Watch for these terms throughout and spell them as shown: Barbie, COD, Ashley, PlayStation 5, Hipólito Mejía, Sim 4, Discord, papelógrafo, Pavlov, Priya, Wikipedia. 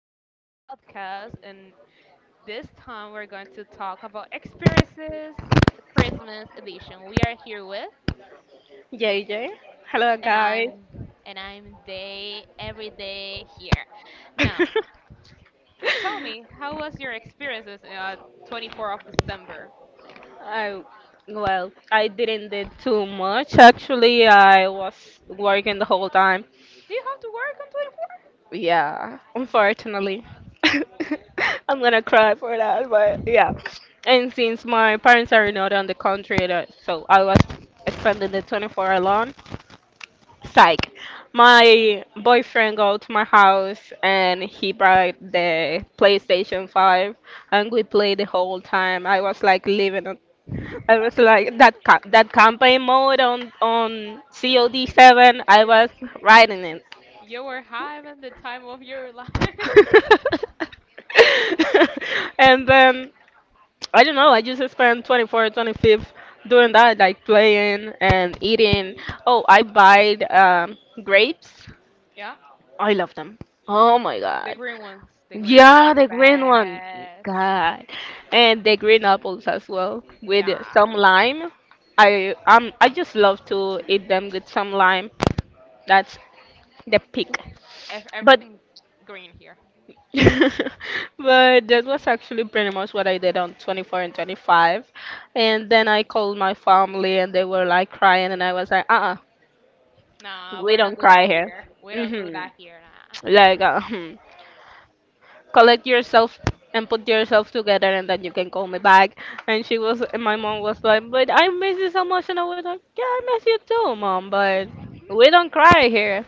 in this podcast. And this time, we're going to talk about experiences Christmas edition. We are here with, J J, Hello, and guys. I'm, and I'm day every day here. Now, tell me, how was your experiences 24 of December? I well, I didn't did too much actually. I was working the whole time. Do you have to work on Yeah, unfortunately. I'm gonna cry for that, but yeah. And since my parents are not on the country, so I was spending the 24 alone. Psych. My boyfriend go to my house and he brought the PlayStation 5 and we played the whole time. I was like living it. I was like that campaign mode on COD 7. 24? I Yeah, was riding it. you were having the time of your life. And then I don't know, I just spent 24, 25 doing that, like playing and eating. Oh, I buy grapes. Yeah, I love them. Oh my the god. green ones. The green ones are Yeah, the the green one. best. God. And the green apples as well with some Yeah, lime. I just love to eat them with some lime. That's the peak. But everything green here. but that was actually pretty much what I did on 24 and 25. And then I called my family and they were like crying and I was like, "Uh-uh, Nah, we we're not don't do that cry here." here. We don't do Mhm. that here. Like collect yourself and put yourself together and then you can call me back, and my mom was like, but I miss you so much, and I was like, yeah, I miss you too, mom, but Nah. we don't cry here.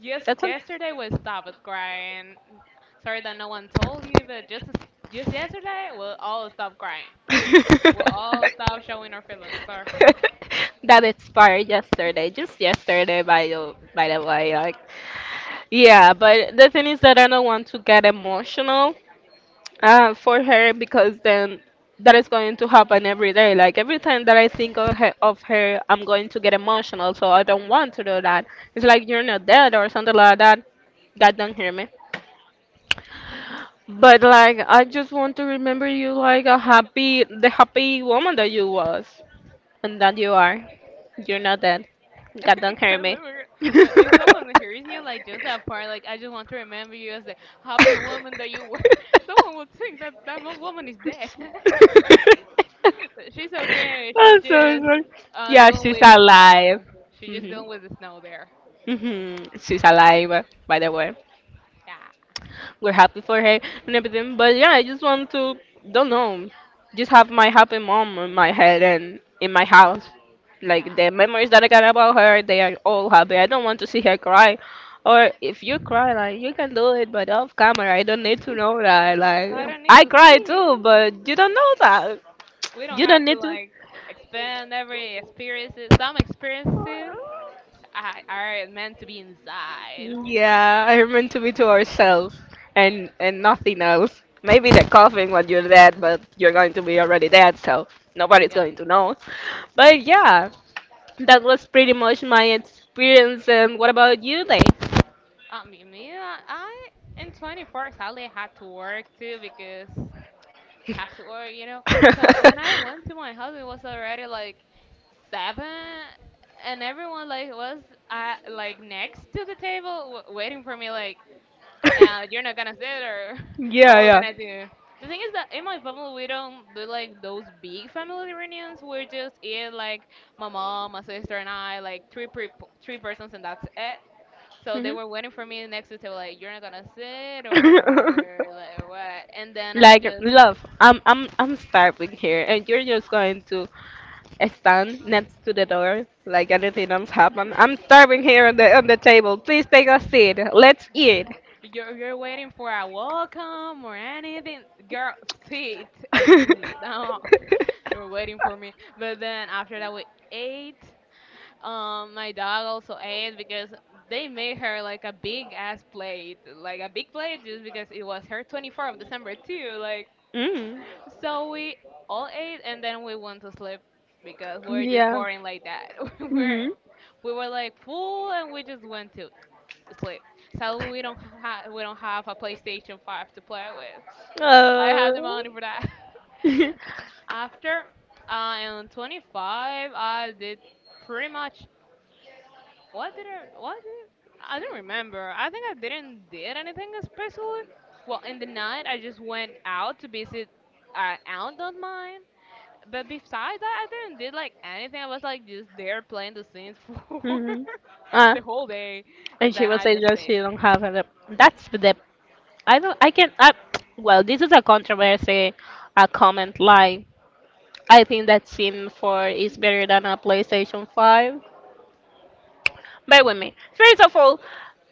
Just that's un- yesterday we stopped crying. Sorry that no one told you, but just yesterday we all stopped crying. We all stopped showing our feelings. Sorry. that expired yesterday, just yesterday, by the way. Like, yeah, but the thing is that I don't want to get emotional. For her, because then that is going to happen every day. Like every time that I think of her, I'm going to get emotional. So I don't want to do that. It's like you're not dead or something like that. God don't hear me. But like I just want to remember you like the happy woman that you was and that you are. You're not dead. God don't hear me. Exactly. Well, if someone hears you like just that part, like I just want to remember you as the happy woman that you were. Someone will think that that woman is dead. But she's okay. She's I'm so just sorry. Yeah, dealing she's with the alive. snow. She's just hmm dealing with the snow there. She's alive, by the way. Yeah, We're happy for her and everything. But yeah, I just want to, don't know, just have my happy mom in my head and in my house. Like yeah. the memories that I got about her, they are all happy. I don't want to see her cry. Or if you cry, like you can do it, but off camera. I don't need to know that. I Like don't need I to cry see too, you. but you don't know that. We don't You don't have to need to. like expand every experiences. Some experiences I, are meant to be inside. Yeah, I meant to be to ourselves, and nothing else. Maybe they're coughing when you're dead, but you're going to be already dead, so nobody's Yeah. going to know. But yeah, that was pretty much my experience. And what about you, Lay? I mean, me, in 24 sadly I had to work too because we have to work, you know. So when I went to my house, it was already like seven, and everyone like was like next to the table waiting for me, like, you're not gonna sit or or Yeah, what we're you're not, yeah. gonna do. The thing is that in my family we don't do like those big family reunions. We just eat like my mom, my sister, and I, like three persons, and that's it. So Like, they mhm. were waiting for me next to the table, like you're not gonna sit or like what. And then I Like, just, love, I'm starving here, and you're just going to stand next to the door like anything else happened. I'm starving here on the table. Please take a seat. Let's eat. you're waiting for a welcome or anything. Girl, sit and eat. No, you're waiting for me. But then after that we ate. My dog also ate because they made her like a big ass plate, like a big plate, just because it was her 24th of December too. Like, Mm. so we all ate and then we went to sleep because we're just Yeah. boring like that. we're Mhm. we were like full and we just went to sleep. So we don't have a PlayStation 5 to play with. I have the Oh. money for that. After I am 25, I did pretty much what did I don't remember. I think I didn't did anything especially. Well, in the night I just went out to visit an aunt of mine. But besides that, I didn't did like anything. I was like just there playing the Sims for Mhm. Ah, the whole day, and and she then will I say just that she stayed. don't have a lip. That's the. I don't. I can. I, well, this is a controversy, a comment. Like, I think that Sim 4 is better than a PlayStation 5. Bear with me. First of all,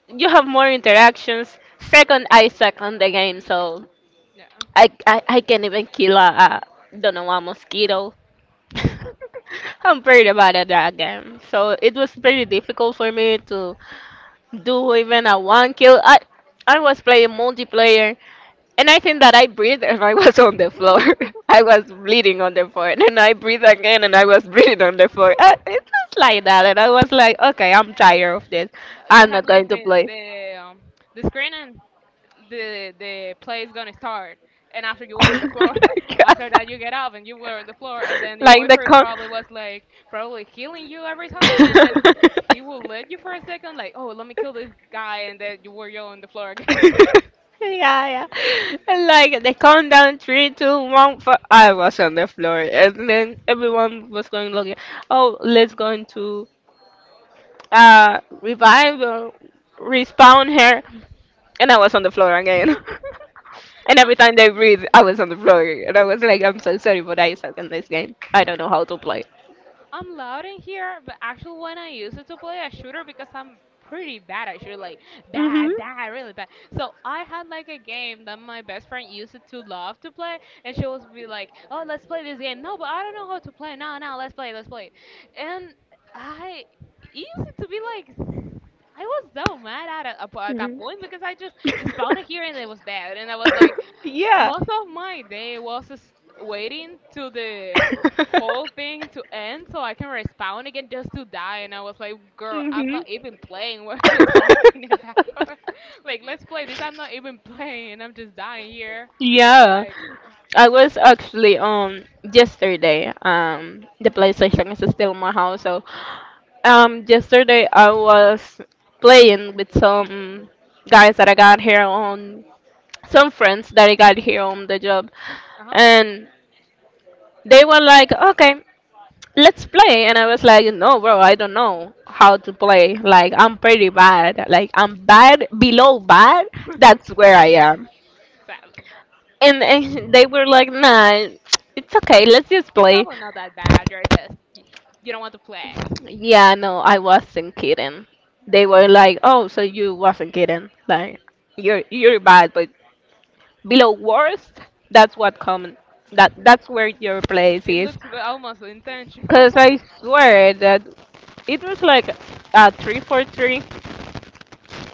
you have more interactions. Second, I suck on the game, so Yeah, I can't even kill a don't know a mosquito. I'm pretty bad at that game, so it was pretty difficult for me to do even a one kill. I was playing multiplayer, and I think that I breathed and I was on the floor. I was bleeding on the floor, and then I breathed again and I was bleeding on the floor. It was like that, and I was like, okay, I'm tired of this. you I'm had not like going to play. The screen and the play is gonna start and after you were on the floor. After that you get up and you were on the floor and then your Like the boyfriend con. probably was like probably healing you every time and then he will let you for a second like, oh, let me kill this guy and then you were you on the floor again. Yeah, yeah. Like, they countdown three, two, one. For I was on the floor, and then everyone was going looking. Oh, let's go into revive or respawn her, and I was on the floor again. And every Not. time they breathe, I was on the floor, and I was like, I'm so sorry, but I suck in this game. I don't know how to play. I'm loud in here, but actually when I use it to play a shooter because I'm pretty bad at shooter, like Mhm. bad, bad, really bad. So I had like a game that my best friend used it to love to play, and she was be like, "Oh, let's play this game." No, but I don't know how to play. No, no, let's play, let's play. And I it used it to be like. I was so mad at, a, at that Mhm. point because I just spawned here and it was dead, and I was like, Yeah. most of my day was waiting to the whole thing to end so I can respawn again just to die. And I was like, girl, I'm Mhm. not even playing. What are you talking about? Like, let's play this. I'm not even playing. I'm just dying here. Yeah. Like, I was actually yesterday. The PlayStation is still in my house, so yesterday I was playing with guys that I got here on some friends that I got here on the job, uh huh, and they were like, okay. Let's play. And I was like, no bro, I don't know how to play, like I'm pretty bad, like I'm bad below bad. That's where I am. exactly. And they were like, nah, it's okay, let's just You're play. probably not that bad. You don't want to flex. Yeah, no, I wasn't kidding. They were like, oh, so you wasn't kidding. Like, you're bad but below worst. That's what common, that's where your place It is. looks almost Because intentional. I swear that it was like a 3-4-3,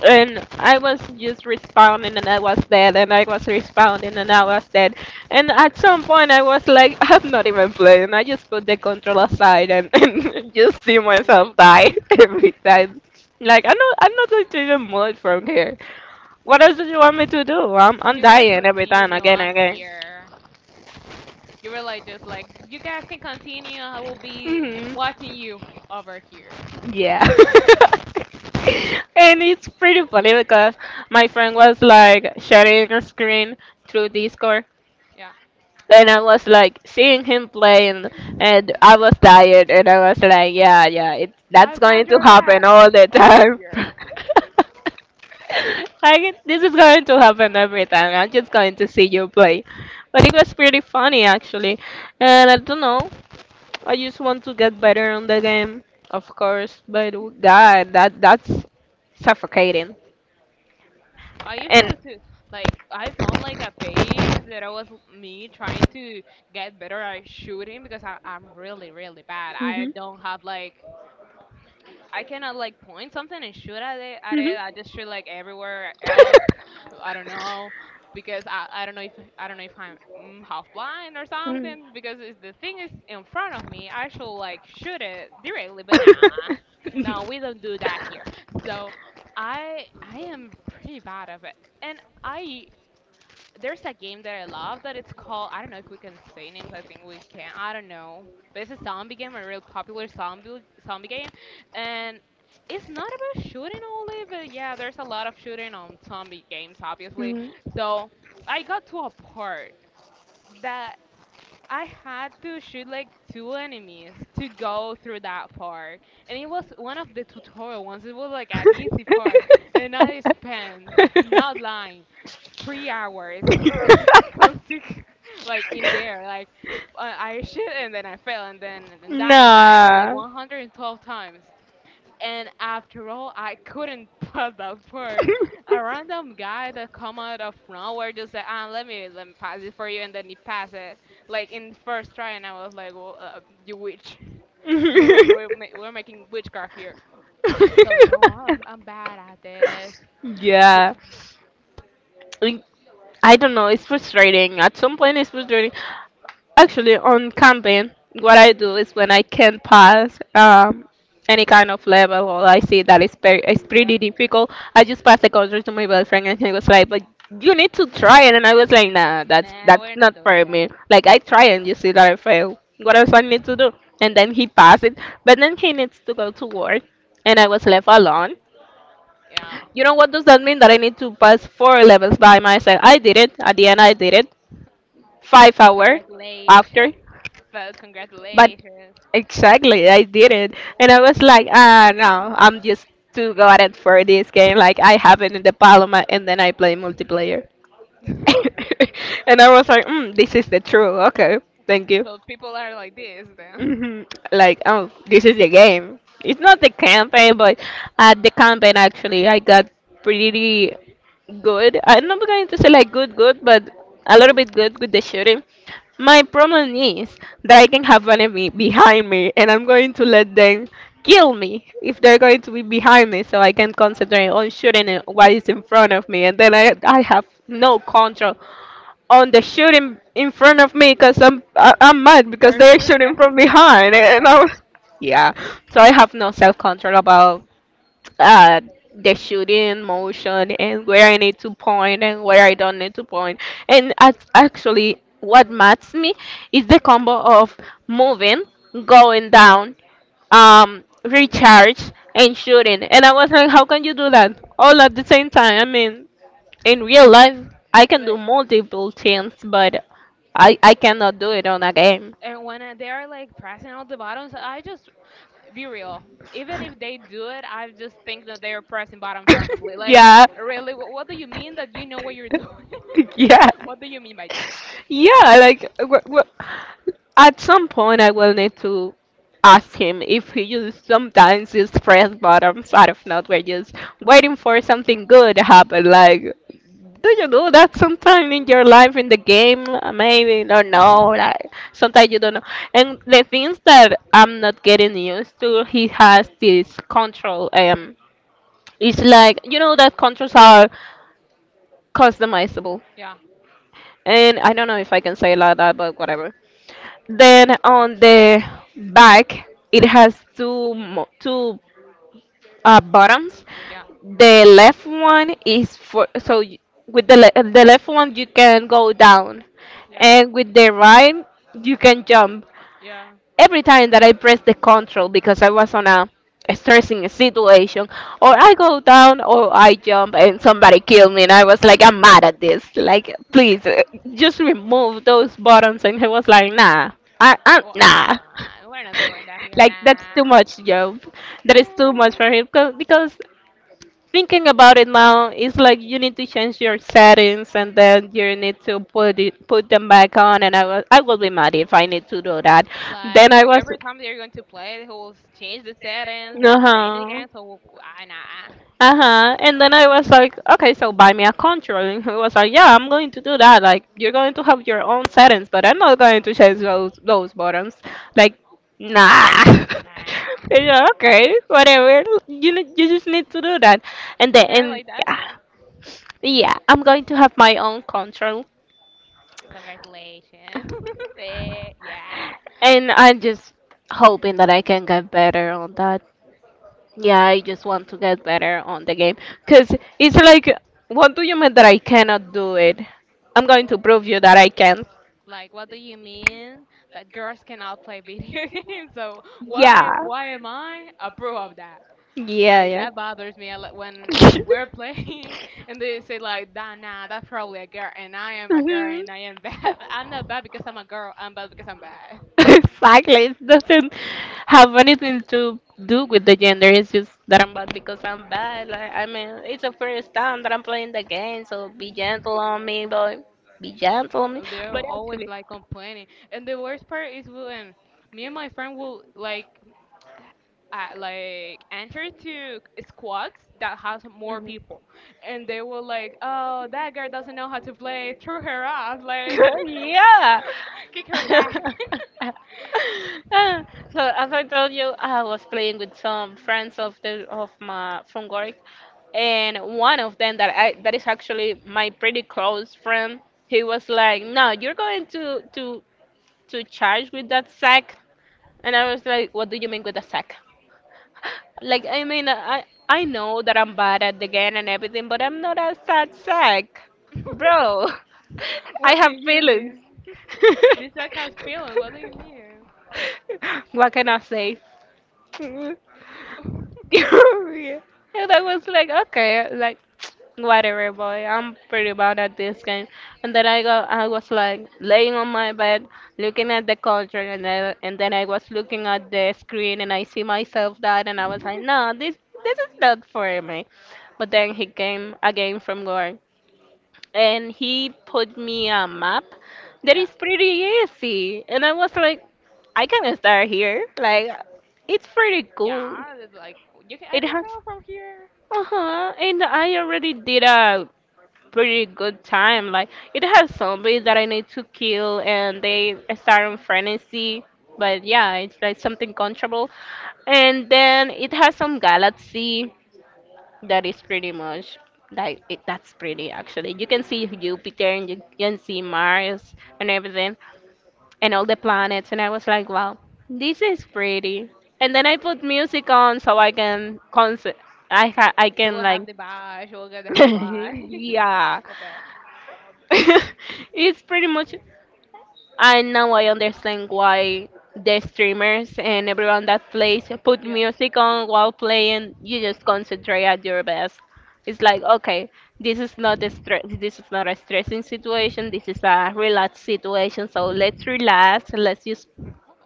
and I was just responding, and I was dead, and I was responding, and I was dead. And at some point, I was like, I'm not even playing. I just put the control aside and, and just see Oh, myself good. die every time. Like, I'm not going to even move from here. What else do you want me to do? I'm You guys dying every time, continue. again and I'm again. here. You were like just like you guys can continue. I will be hmm watching you over here. yeah. And it's pretty funny because my friend was like sharing a screen through Discord, Yeah, and I was like seeing him play, and I was tired, and I was like, yeah, yeah, it that's I've got going to your happen back all the over time. here. Like, this is going to happen every time. I'm just going to see you play, but it was pretty funny actually, and I don't know, I just want to get better on the game, of course, but oh god, that's suffocating. I And usually too like I found like a page that I was me trying to get better at shooting because I'm really really bad. I mhm. don't have like I cannot like point something and shoot at it. Mhm. I just shoot like everywhere else. I don't know because I don't know if I'm half blind or Mm. something because it's, the thing is in front of me. I should like shoot it directly, but nah, no, we don't do that here. So I am pretty bad at it, and I there's a game that I love that it's called, I don't know if we can say names. I think we can. I don't know. But it's a zombie game, a real popular zombie game, and it's not about shooting only. But yeah, there's a lot of shooting on zombie games, obviously. Mhm. So I got to a part that I had to shoot like two enemies to go through that part, and it was one of the tutorial ones. It was like an easy part, and I spent, not lying, 3 hours consigue like in there like I shit and then I fell and then die and die and then like Nah. 112 times. And after all, I couldn't pass that part. A random guy that come out of nowhere just said, "Ah, let me pass it for you," and then he passed it like in first try. And I was like, "Well, you witch, you witch. We're making witchcraft here." So no, I'm bad at this. B- Yeah. I I don't know. It's frustrating. At some point, it's frustrating. Actually, on camping, what I do is when I can't pass any kind of level, or I see that it's yeah, pretty difficult, I just pass the control to my boyfriend and he was like, but you need to try it. And I was like, nah, that's, nah, we're not not doing for me. that. Like, I try and you see that I fail. What else I need to do? And then he passed it. But then he needs to go to work and I was left alone. Yeah, You know what does that mean? That I need to pass four levels by myself. I did it. At the end, I did it. 5 hours congratulations. after. But But congratulations. exactly, I didn't, and I was like, ah, no, I'm just too good for this game. Like, I have it in the Paloma, and then I play multiplayer, and I was like, mm, this is the true. Okay, thank you. So people are like this then. hmm Like, oh, this is the game. It's not the campaign, but at the campaign, actually, I got pretty good. I'm not going to say like good, good, but a little bit good with the shooting. My problem is that I can have an enemy behind me, and I'm going to let them kill me if they're going to be behind me, so I can concentrate on shooting at what is in front of me, and then I have no control on the shooting in front of me because I'm mad because They're they're shooting at, shooting from behind. at the And I was, back. yeah, so I have no self control about uh the shooting motion and where I need to point and where I don't need to point. And actually what matters me is the combo of moving, going down, recharge, and shooting, and I was like, how can you do that all at the same time? I mean, in real life, I can do Like multiple things, but I cannot do it on a game. and when they are like pressing all the buttons, I just be real. Even if they do it, I just think that they are pressing buttons randomly. Like Yeah. really, what do you mean that you know what you're doing? Yeah. What do you mean by that? Yeah, like, at some point I will need to ask him if he uses sometimes his press buttons out of nowhere, just waiting for something good to happen. Like, do you do that sometime in your life in the game? Maybe don't know. Like, sometimes you don't know. And the things that I'm not getting used to, he has this control. It's like, you know that controls are customizable, Yeah, and I don't know if I can say it like that, but whatever. Then on the back, it has two buttons. yeah, The left one is for so y- With the left one you can go down, yeah, and with the right you can jump. yeah, Every time that I press the control, because I was on a stressing situation, or yeah. I go down or I jump and somebody kill me, and I was like, I'm mad at this. Like, please, just remove those buttons. And he was like, nah, I Well, nah. nah, we're not doing that here, Like that's too nah. much job, that is too much for Nah. him because thinking about it now, it's like you need to change your settings and then you need to put them back on. And I will be mad if I need to do that. Then I Like was, every time they're going to play, they will change the settings, uh then change it huh. again. So I nah Uh-huh. And then I was like, okay, so buy me a controller. And he was like, yeah, I'm going to do that. Like, you're going to have your own settings, but I'm not going to change those buttons. Like, nah. And nah. you're like, okay, whatever. You just need to do that. And So then we are and like that Yeah, now. yeah, I'm going to have my own control. Congratulations. Eh, yeah. And I'm just hoping that I can get better on that. Yeah, I just want to get better on the game. Because it's like, what do you mean that I cannot do it? I'm going to prove you that I can. Like what do you mean that girls cannot play video games? So what? Yeah. Why am I approve of that? Yeah, Like yeah. that bothers me a lot when we're playing and they say like nah nah that's probably a girl and I am a girl Mhm. and I am bad. I'm not bad because I'm a girl. I'm bad because I'm bad. Exactly. It doesn't have anything to do with the gender. It's just that I'm bad because I'm bad. Like, I mean, it's the first time that I'm playing the game, so be gentle on me, boy. Be gentle on me. Oh, they're But always actually, like complaining, and the worst part is when me and my friend will like enter to squads that has more people, and they will like, oh, that girl doesn't know how to play, throw mhm. her off, like, Yeah. kick her back. Ah, so as I told you, I was playing with some friends of my from work, and one of them that is actually my pretty close friend. He was like, "No, you're going to charge with that sack," and I was like, "What do you mean with a sack?" Like, I mean, I know that I'm bad at the game and everything, but I'm not a sad sack, bro. I What do have you feelings. mean? This guy has feelings. What do you mean? What can I say? Mm. And I was like, okay, like whatever, boy, I'm pretty bad at this game. And then I go, I was like laying on my bed, looking at the culture, and then I was looking at the screen, and I see myself that, and I was like, no, this is not for me. But then he came again from work, and he put me a map that Yeah, is pretty easy, and I was like, I can start here, like, it's pretty cool. yeah. It's like you can, I It can has tell from here. uh-huh, and I already did a pretty good time. Like, it has zombies that I need to kill and they start on frenzy, but yeah, it's like something controllable. And then it has some galaxy that is pretty much like it, that's pretty, actually. You can see Jupiter and you can see Mars and everything and all the planets. And I was like, wow, this is pretty. And then I put music on so I can concert. I She can will have like the vibe. She will get the whole vibe. yeah. A bit, It's pretty much. And now I understand why the streamers and everyone that plays put yeah. music on while playing. You just concentrate at your best. It's like, okay, this is not a stress. This is not a stressing situation. This is a relaxed situation. So let's relax. Let's just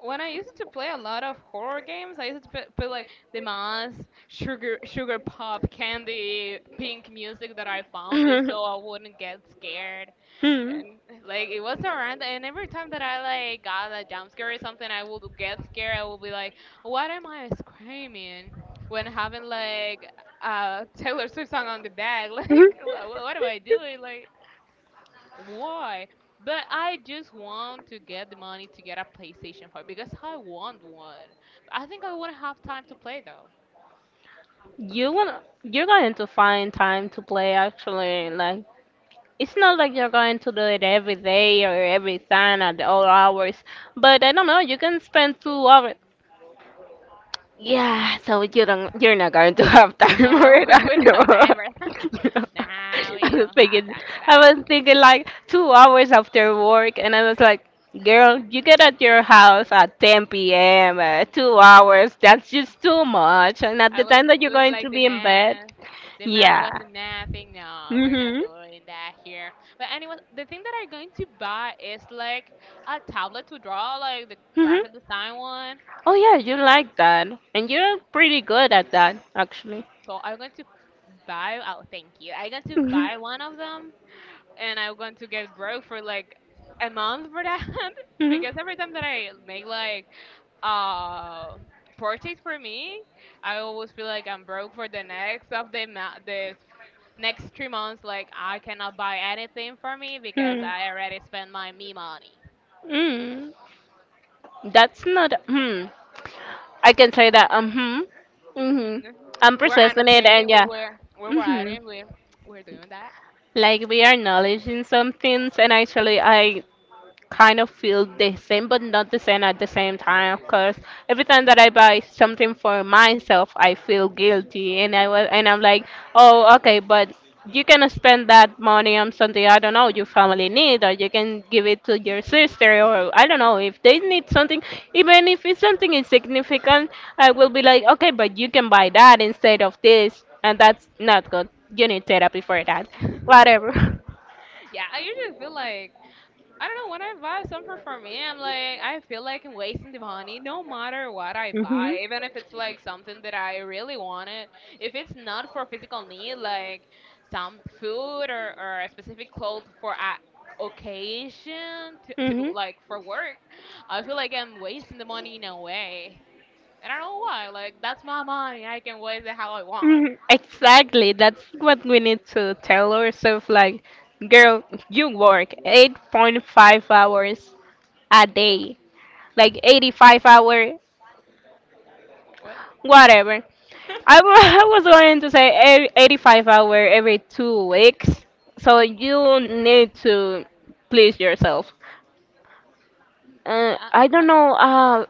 When I used to play a lot of horror games, I used to put like the mask, sugar pop, candy, pink music that I found just so I wouldn't get scared. hmm. And like it was around, and every time that I like got a jump scare or something, I would get scared. I would be like, "What am I screaming?" When having like a Taylor Swift song on the back, like, what am I doing? Like, why? But I just want to get the money to get a PlayStation 4 because I want one. I think I wouldn't have time to play though. You wanna, you're going to find time to play, actually. Like, it's not like you're going to do it every day or every time at all hours, but I don't know, you can spend 2 hours. Yeah, so you don't, you're not going to have time No, for it. I we don't have know. time for that. Nah, I we was don't have thinking, time for I that. was thinking like 2 hours after work, and I was like, girl, you get at your house at 10 p.m. 2 hours, that's just too much. And at the I was time that you're doing going to like the be in bed, math. The math yeah. wasn't mathing. No, we're not Mhm. doing that here. But anyway, the thing that I'm going to buy is like a tablet to draw, like the Mhm. graphic design one. Oh yeah, you like that, and you're pretty good at that, actually. So I'm going to buy. Oh, thank you. I'm going to Mhm. buy one of them, and I'm going to get broke for like a month for that because every time that I make like uh purchase for me, I always feel like I'm broke for the next of the next 3 months. Like I cannot buy anything for me because Mhm. Hmm. I already spent my me money. Mm. That's not. Hmm. I can say that. Hmm. Mhm. Mm. I'm We're processing it, annotating. and We yeah. were we're Mhm. writing. We're doing that. Like, we are acknowledging some things, and actually I kind of feel the same but not the same at the same time, because every time that I buy something for myself I feel guilty, and I was, and I'm like, oh okay, but you can spend that money on something, I don't know, your family need, or you can give it to your sister, or I don't know if they need something. Even if it's something insignificant, I will be like, okay, but you can buy that instead of this, and that's not good. You need therapy for that. Yeah, Whatever. I usually feel like I don't know when I buy something for me, I'm like I feel like I'm wasting the money no matter what I Mhm. buy, even if it's like something that I really wanted. If it's not for physical need, like some food or a specific cloth for a occasion, Mhm. typical like for work, I feel like I'm wasting the money in a way. And I don't know why. Like that's my money. I can waste it how I want. Mhm. Exactly. That's what we need to tell ourselves. Like, girl, you work 8.5 hours a day, like 85 hour. What? Whatever. I was going to say 85-hour every 2 weeks. So you need to please yourself. Uh, I don't my know.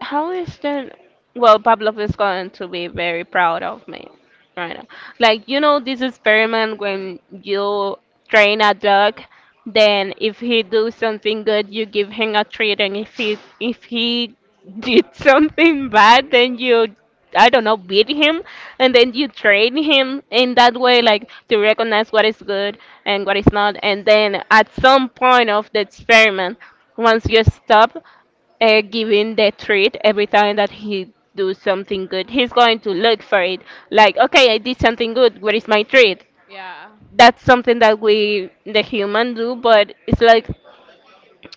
How is that? Well, Pavlov is going to be very proud of me right now. Like, you know, this experiment when you train a dog, then if he do something good, you give him a treat, and if he did something bad, then you, I don't know, beat him, and then you train him in that way, like to recognize what is good and what is not. And then at some point of the experiment, once you stop giving the treat every time that he do something good, he's going to look for it. Like, okay, I did something good. Where is my treat? Yeah, That's something that we the human do, but it's like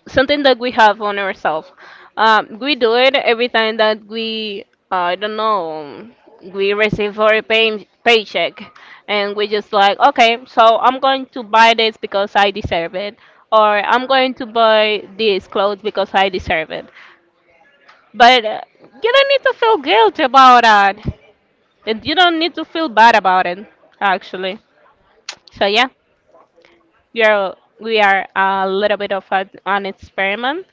something that we have on ourselves. We do it every time that we I don't know, we receive our paycheck, and we just like, okay, so I'm going to buy this because I deserve it, or I'm yeah. going to buy these clothes because I deserve it. But you don't need to feel guilty about that. And you don't need to feel bad about it, actually. So yeah, we are a little bit of an experiment.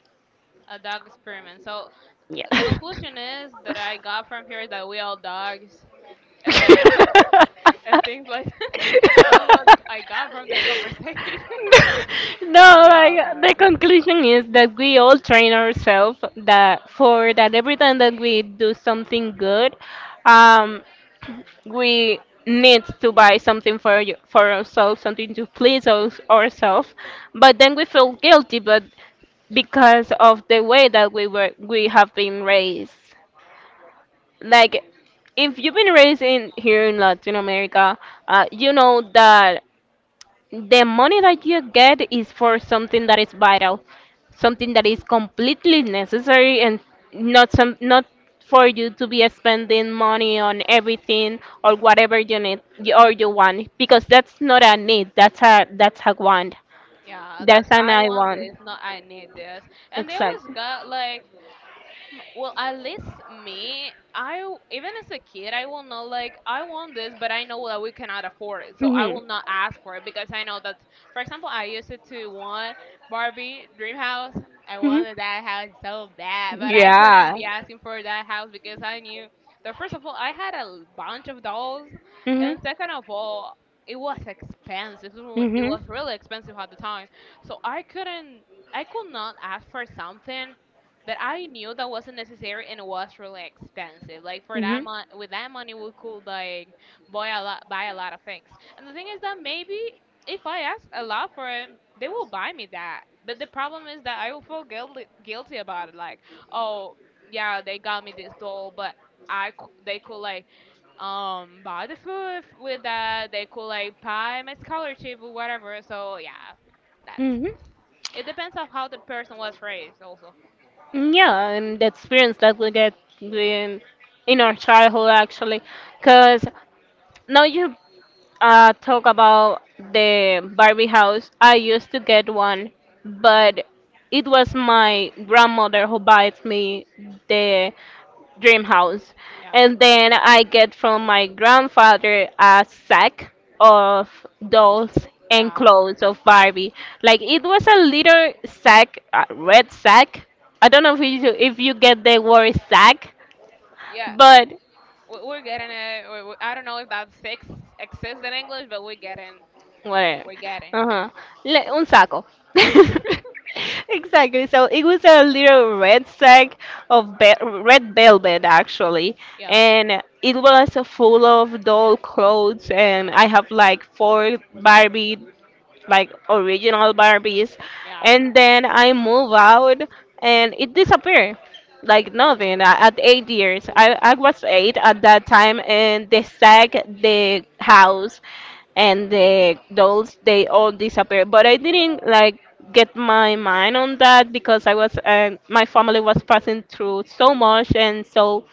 A dog experiment. So Yeah. the conclusion is that I got from here is that we all dogs and and things like that. That's what I got from this conversation. No, That we like, all the dogs. conclusion is that we all train ourselves that for that every time that we do something good, um, we need to buy something for you, for ourselves, something to please us, ourselves, but then we feel guilty, but because of the way that we have been raised. Like, if you've been raised in here in Latin America, you know that the money that you get is for something that is vital, something that is completely necessary, and not for you to be spending money on everything or whatever you need or you want, because that's not a need, that's a want. Yeah, That's that's an I I want want. this, not I need this. And they always Exactly. got like mm, well, at least me, I even as a kid, I will not like I want this, but I know that we cannot afford it, so I Mhm. will not ask for it because I know that, for example, I used it to want Barbie Dream House. I Mhm. wanted that house so bad, but I couldn't Yeah. be asking for that house because I knew that first of all, I had a bunch of dolls, Mhm. and second of all, it was expensive. It Mhm. was really expensive at the time, so I couldn't. I could not ask for something, but I knew that wasn't necessary and it was really expensive. Like for that Mhm. money, with that money, we could like buy a lot of things. And the thing is that maybe if I ask a lot for it, they will buy me that. But the problem is that I will feel guilty about it. Like, oh yeah, they got me this doll, but they could like buy the with that. They could like buy my scholarship or whatever. So yeah, that's Mm-hmm. it depends on how the person was raised also. Mm, yeah, and the experience that we get in in our childhood, actually, because now you talk about the Barbie house, I used to get one, but it was my grandmother who buys me the dream house. Yeah. And then I get from my grandfather a sack of dolls and Yeah. clothes of Barbie. Like, it was a little sack, a red sack. I don't know if you get the word sack, Yeah, but we're getting it. I don't know if that six exists in English, but whatever. we're getting. Uh-huh. Le- un saco. Exactly. So it was a little red sack of red velvet, actually, Yeah, and it was full of doll clothes, and I have like four Barbie, like original Barbies, yeah. and then I move out and it disappeared like nothing. At 8 years, I was 8 at that time, and they sacked the house and the dolls, they all disappeared. But I didn't What? like get my mind on that, because I was, my family was passing through so much, and so,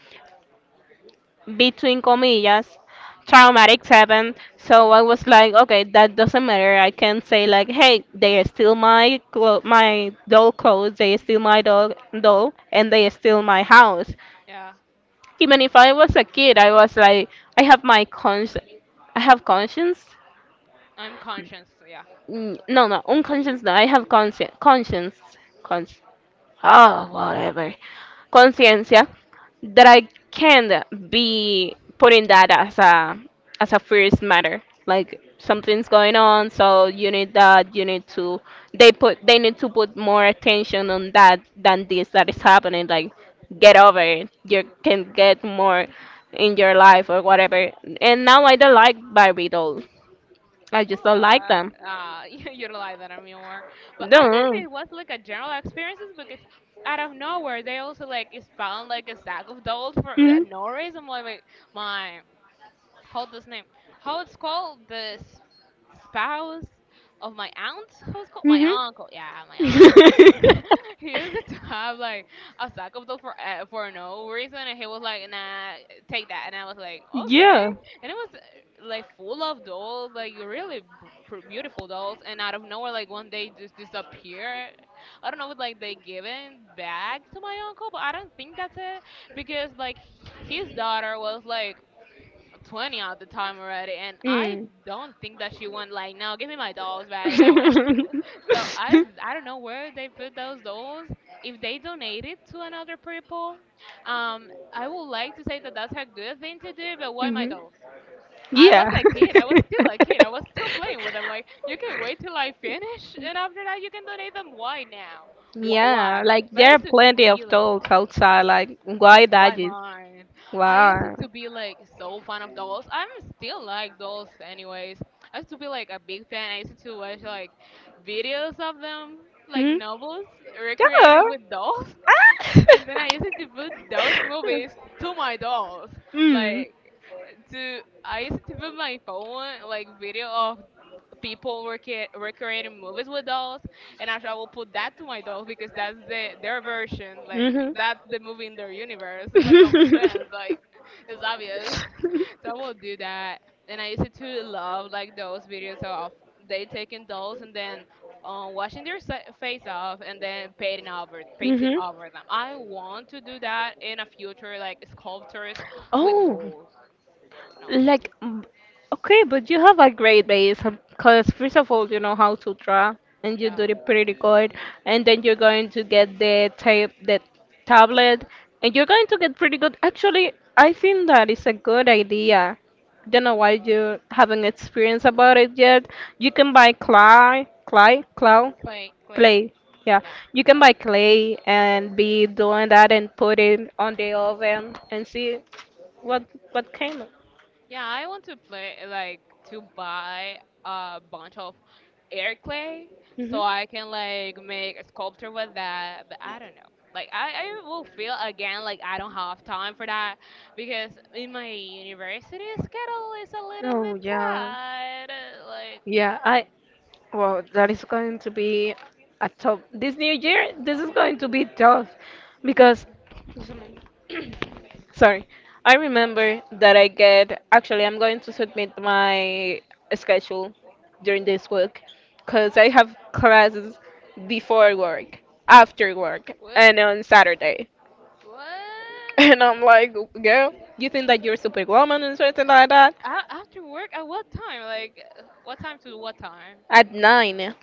between comillas, Yeah, traumatic seven, so I was like, okay, that doesn't matter. I can say like, hey, they steal my my doll clothes, they steal my dog doll, and they steal my house. yeah. Even if I was a kid, I was like, I have my cons I have conscience. I'm conscious, so yeah. Mm, no unconscious, no, I have conscience. Oh, whatever, conciencia, that I can't be putting that as a first matter. Like, something's going on, so you need that. You need to, they need to put more attention on that than this that is happening. Like, get over it. You can get more in your life or whatever. And now I don't like Barbie dolls. I just don't like them. What? You utilize that anymore. But I don't know if Don't. it was like a general experiences because out of nowhere they also like is found like a sack of dolls for no reason. Like my how this name how it's called the spouse of my aunt. How it's called my Hmm. uncle? Yeah, my uncle. He used to have like a sack of those for no reason and he was like, nah, take that, and I was like, okay. Yeah. And it was like full of dolls, like really beautiful dolls, and out of nowhere like one day just disappear. I don't know if like they given back to my uncle, but I don't think that's it because like his daughter was like 20 all the time already, and I Mm. don't think that she went like, no, give me my dolls back, and I went. So I don't know where they put those dolls if they donate it to another people. I would like to say that that's a good thing to do, but why my Hmm. dolls? I was Yeah. a kid, I was still a kid, I was still playing with them. Like you can wait till I finish, and after that you can donate them. Why now? Why, Yeah, like but there are it's to plenty be of like, dogs outside. Like, why why dodging? mine? I used it Wow. to be like so fan of dolls. I'm still like dolls anyways. I used to be like a big fan. I used to watch like videos of them, like Hmm. novels Yeah. recreated with dolls. Ah! And then I used to put those movies to my dolls. Mm. Like to I used to put my phone like video of people were creating movies with dolls, and actually I will put that to my dolls because that's the, their version. Like Mhm. that's the movie in their universe. It's like common sense. Like it's obvious. So I will do that. And I used to love like those videos of they taking dolls and then washing their face off and then painting Mhm. over them. I want to do that in a future, like sculptures with Oh. dolls. No, Like, mm, okay, but you have a great base because first of all, you know how to draw and you yeah, do it pretty good, and then you're going to get the tape, the tablet, and you're going to get pretty good. Actually, I think that is a good idea. Don't know why you haven't experienced about it yet. You can buy clay, clay, clown, clay. clay. Yeah, Yeah. you can buy clay and be doing that and put it on the oven and see what what came. Yeah, I want to play like to buy a bunch of air clay Hmm. so I can like make a sculpture with that, but I don't know. Like I will feel again like I don't have time for that because in my university schedule is a little Oh bit yeah, tight. Like yeah. I well, that is going to be a tough this new year. This is going to be tough because sorry, I remember that I get actually I'm going to submit my schedule during this week because I have classes before work, after work, what, and on Saturday. And what? I'm like, girl, you think that you're super superwoman and something like that? A- after work at what time? Like what time to what time? At 9.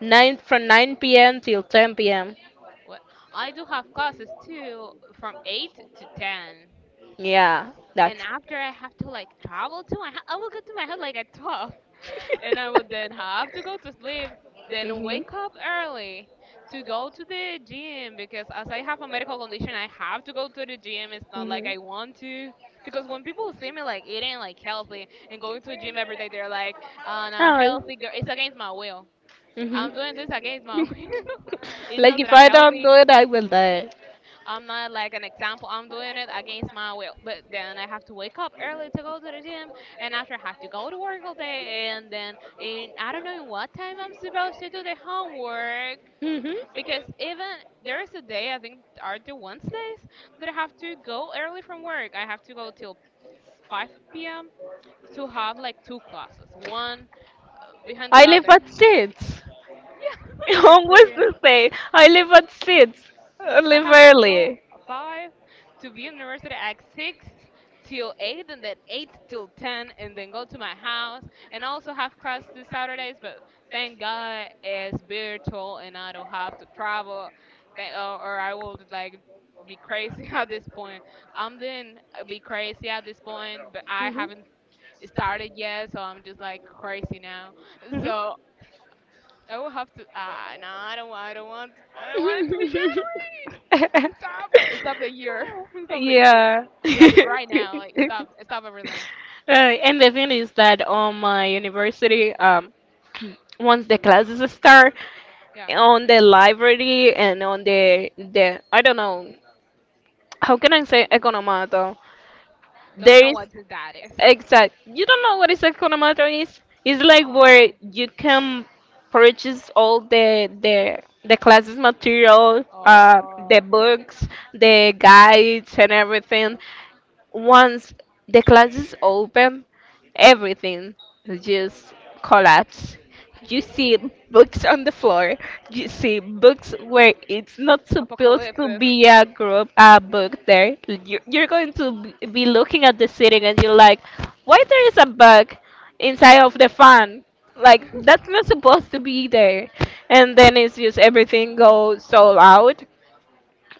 9 from 9 p.m. till 10 p.m. What? I do have classes too from 8 to 10, Yeah, that's. and after I have to like travel to my house, I will get to my house like at 12 and I will then have to go to sleep, then Mhm. wake up early to go to the gym because as I have a medical condition, I have to go to the gym. It's not like Mhm. I want to. Because when people see me like eating like healthy and going to the gym every day, they're like, "On a Hi. healthy girl," it's against my will. Mhm. I'm doing this against my will. It's not Like that if I'm I don't healthy. do it, I will die. I'm not like an example. I'm doing it against my will, but then I have to wake up early to go to the gym, and after I have to go to work all day, and then in I don't know in what time I'm supposed to do the homework Hmm. because even there is a day, I think are the Wednesdays, that I have to go early from work. I have to go till 5 p.m. to have like two classes, one behind the I live other. at six. Yeah, we're Almost two. the same. I live at six. I I live have to go early. five to be in university at six till eight, and then eight till ten, and then go to my house. And I also have class this Saturdays, but thank God it's virtual, and I don't have to travel, or I will like be crazy at this point. I'm doing Be crazy at this point, but I Mhm. haven't started yet, so I'm just like crazy now. So I will have to. Ah, no, I don't want. I don't want it to be January. Stop it. Stop the year. Stop the year. Yeah. Stop it right now. Like stop. Stop everything. And the thing is that on my university, once the classes start, Yeah. on the library and on the I don't know how can I say economato. Don't There know is what that is. exact. You don't know what is economato is? It's like where No. you can purchase all the the classes material, the Oh, books, the guides, and everything. Once the classes open, everything just collapse. You see books on the floor. You see books where it's not supposed to apocalypses. be a group, a book there. You- You're going to b- be looking at the ceiling and you're like, why there is a bug inside of the fan? Like, that's not supposed to be there. And then it's just everything goes so loud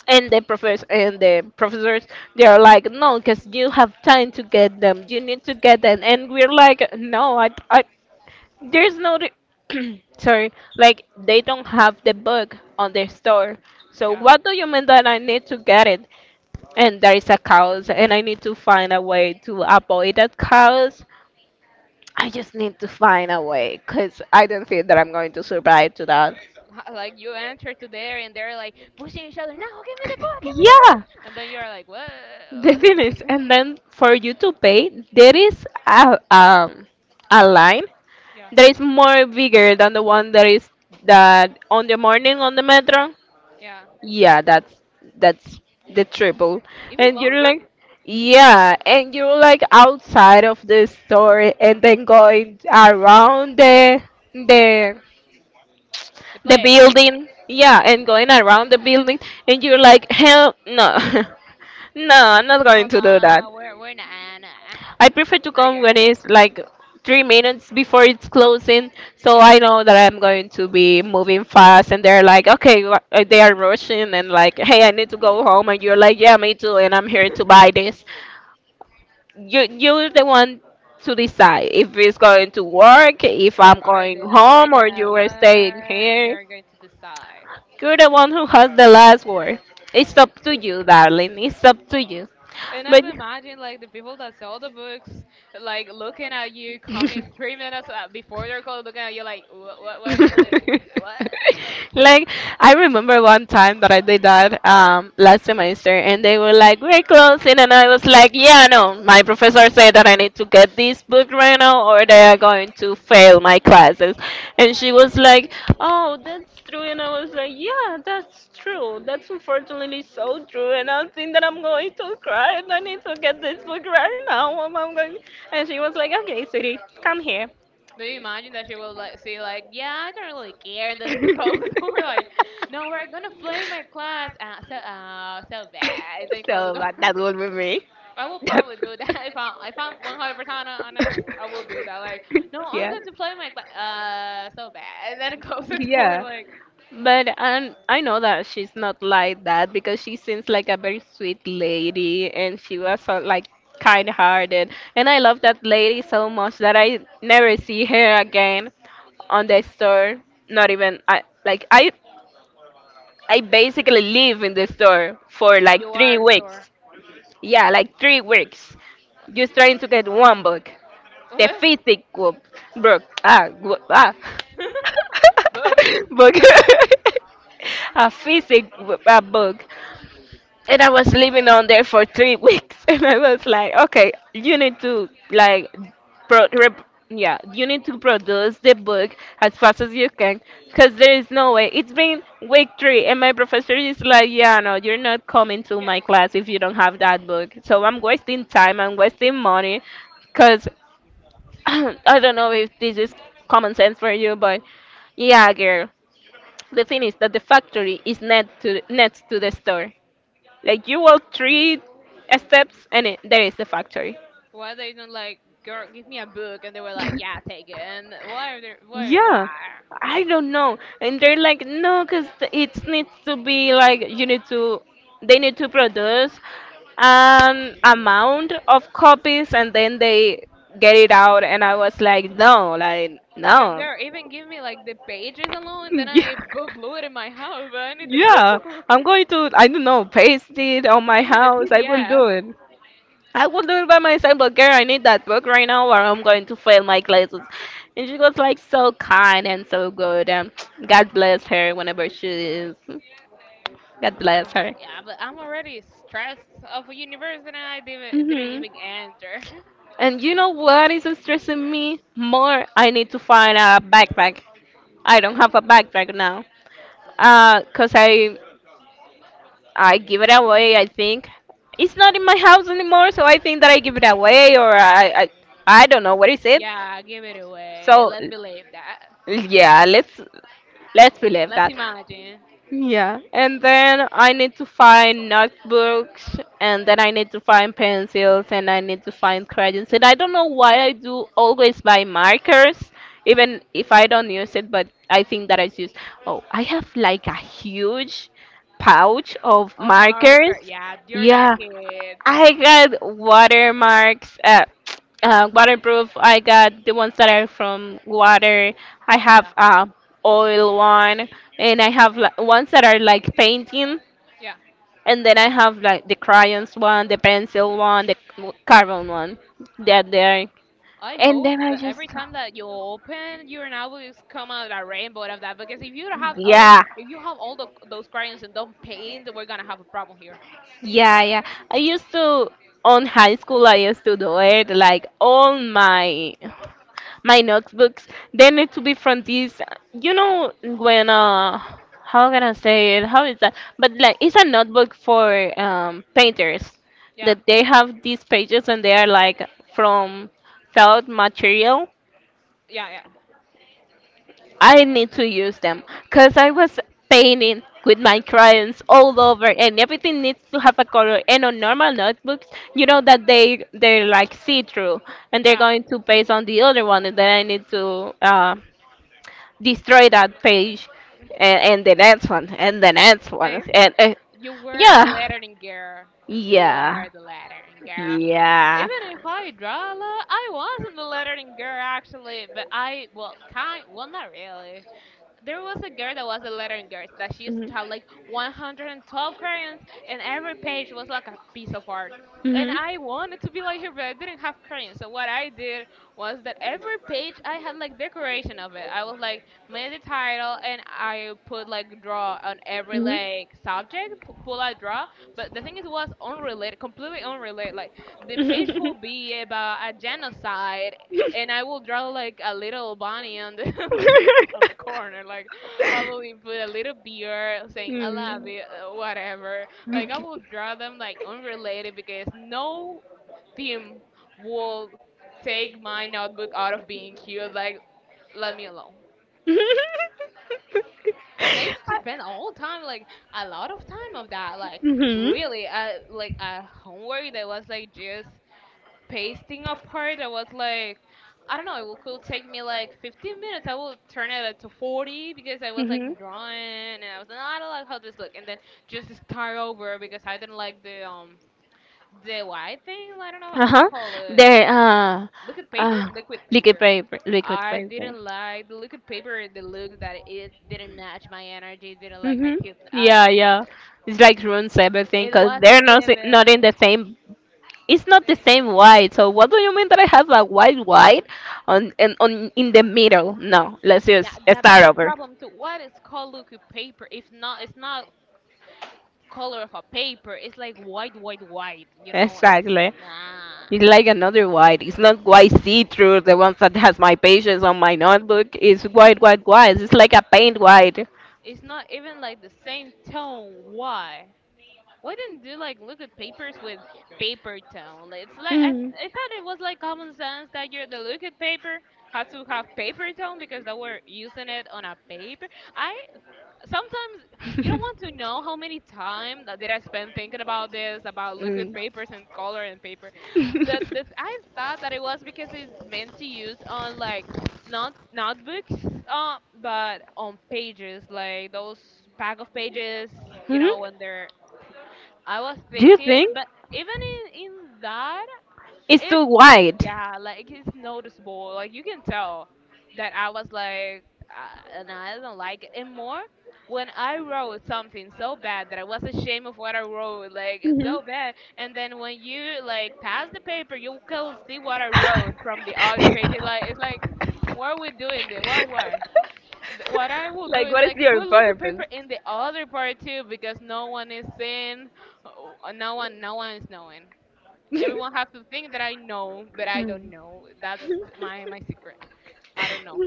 and the professors they are like no because you have time to get them, you need to get them, and we're like no I there's no re- sorry, like they don't have the book on their store, so Yeah. what do you mean that I need to get it? And there is a chaos and I need to find a way to avoid that chaos. I just need to find a way because I don't think that I'm going to survive to that. Like you enter to there and they're like pushing each other. No, give me the book. Give me the Yeah. book. And then you're like, what? The What do you thing mean? is, and then for you to pay, there is a a line Yeah. that is more bigger than the one that is that on the morning on the metro. Yeah. Yeah, that's the triple, Even and you're longer. like, yeah, and you're like outside of the store, and then going around the The the play is like, building. Yeah, and going around the building, and you're like, hell no. No, I'm not oh going to do that. no, we're not. Nah, nah. I prefer to We're come when good. it's like 3 minutes before it's closing, so Yeah. I know that I'm going to be moving fast. And they're like, okay, wha- they are rushing and like, hey, I need to go home, and you're like, yeah, me too, and I'm here to buy this. You're the one to decide if it's going to work, if Or I'm are going they? Oh, we're home, or gonna you are staying what, here. you're going to decide. You're the one who has the last word. It's up to you, darling. It's up to you. And I But imagine like the people that sell the books like looking at you coming mhm. 3 minutes before their call, looking at you like, what, you like, what like, Like who- I remember one time that I did that last semester, and they were like, "We're closing," and I was like, "Yeah, no. My professor said that I need to get this book right now, or they are going to fail my classes." And she was like, "Oh, that's true," and I was like, "Yeah, that's true. That's unfortunately so true." And I think that I'm going to cry, and I need to get this book right now. Mom, I'm going. And she was like, "Okay, sweetie, come here." do you imagine that she will like say like, yeah, I don't really care, and then close the door? Like, no, we're gonna flame my class so bad, and then So close the door. That would with me. I will That, probably do that if I'm 100% honest. I will do that. Like, no, I'm yeah, going to play my cla so bad, and then close the door. yeah. Like, But I know that she's not like that because she seems like a very sweet lady and she was so, like kind-hearted. And I love that lady so much that I never see her again on the store. Not even I like I basically live in the store for like you three are the door. weeks. Yeah, like 3 weeks. Just trying to get one book. The What? physical book. Ah, wo- ah. What? Book. Book. a physical a book and I was living on there for 3 weeks, and I was like, okay, you need to like, pro- rep- yeah, you need to produce the book as fast as you can, because there is no way. It's been week three, and my professor is like, yeah, no, you're not coming to Yeah. my class if you don't have that book. So I'm wasting time, I'm wasting money, because I don't know if this is common sense for you, but yeah, girl. The thing is that the factory is net to next to the store. Like you walk three steps and it, there is the factory. Why they don't like, girl? Give me a book, and they were like, yeah, take it. And why are they? Why? Why? Yeah, I don't know. And they're like, no, because it needs to be like, you need to, they need to produce an amount of copies and then they get it out. And I was like, no, like, Girl, no. girl, even give me like the pages alone, and then Yeah, I book glue it in my house. But I need the yeah. book. I'm going to, I don't know, paste it on my Give me the house. I will PDF. do it. I will do it by myself, but girl, I need that book right now or I'm going to fail my classes. And she was like so kind and so good. God bless her whenever she is. God bless Oh, her. yeah, but I'm already stressed of a universe that I didn't Hmm. even enter. And you know what is stressing me more? I need to find a backpack. I don't Yeah. have a backpack now. Cause I give it away. I think it's not in my house anymore, so I think that I give it away or I don't know what is it. Yeah, give it away. So Let's believe that. yeah, let's believe Let's that. imagine. Yeah, and then I need to find notebooks, and then I need to find pencils, and I need to find crayons. And I don't know why I do always buy markers, even if I don't use it, but I think that I use. Oh, I have like a huge pouch of Of marker. markers. Yeah, you're that Yeah, kid. I got watermarks, waterproof. I got the ones that are from water. I have Yeah, oil one, and I have like, ones that are like painting, yeah. and then I have like the crayons one, the pencil one, the c- carbon one. That there, I and hope then I that just every time that you open your novels come out a rainbow out of that because yeah. if you have all the, those crayons and don't paint, we're gonna have a problem here. Yeah, yeah. I used to on high school I used to do it like all my notebooks they need to be from this you know when how can I say it? How is that? But like it's a notebook for painters Yeah, that they have these pages and they are like from felt material yeah, I need to use them because I was painting with my crayons all over, and everything needs to have a color. And on normal notebooks, you know that they're like see-through, and they're yeah, going to paste on the other one, and then I need to destroy that page, and the next one, and the next yeah. one, and You were the yeah, lettering girl. You yeah, were the lettering girl. yeah. Even if I draw a lot, I wasn't the lettering girl actually, but I well kind well not really. There was a girl that was a lettering girl that she used to have like 112 crayons, and every page was like a piece of art. And I wanted to be like her, but I didn't have crayons. So what I did was that every page I had like decoration of it, I was like made the title, and I put like draw on every like subject pull out draw. But the thing is it was unrelated, completely unrelated. Like, the page could be about a genocide and I will draw like a little bunny on the on the corner. Like, I will even put a little beer saying I love Mm. it, whatever. Like, I Okay. will draw them like unrelated because no team will take my notebook out of being cute. Like, let me alone. And I used to spend all time, like a lot of time of that, like really, like a homework that was like just pasting apart. I was like, I don't know, it could take me like 15 minutes. I will turn it up to 40 because I was Mhm. like Mhm. drawing. And I was like, "No, I don't like how this look." And then just start over because I didn't like the white thing. I don't know how to Uh-huh. call it. There, Liquid paper? uh, Liquid liquid paper. paper, liquid I paper. didn't like the liquid paper. The look that it didn't match my energy. Didn't like my Mm-hmm. kid. I Yeah, didn't. It yeah. didn't. It's like ruins everything It because they're wasn't not si- not in given. the same. It's not the same white. So what do you mean that I have a white white on and on in the middle? No, let's Yeah, just yeah, that's start a over. problem too. What is called liquid paper? It's not. It's not color of a paper. It's like white, white, white. You know, it's Exactly. nah. It's like another white. It's not white see-through, the ones that has my pages on my notebook. It's white, white, white. It's like a paint white. It's not even like the same tone. Why? Why didn't you like look at papers with paper tone? Like, it's like I, Mm. I thought it was like common sense that you're the look at paper had to have paper tone because they were using it on a paper. I sometimes you don't want to know how many time that did I spend thinking about this, about liquid Mm. papers and color and paper. That I thought that it was because it's meant to use on like not notebooks, but on pages like those pack of pages. You Hmm. know when they're. I was Do you thinking, think but even in that it's it too wide? yeah, like it's noticeable, like you can tell that I was like, and I don't like it. And more when I wrote something so bad that I was ashamed of what I wrote, like it's Hmm. so bad. And then when you like pass the paper you can see what I wrote from the other page, it's like why are we doing this, why, why. What I will do Like, is what is like your put looking purpose? paper in the other part too because no one is seeing, no one, no one is knowing. Everyone has to think that I know, but I don't Hmm. know. That's my my secret. I don't know.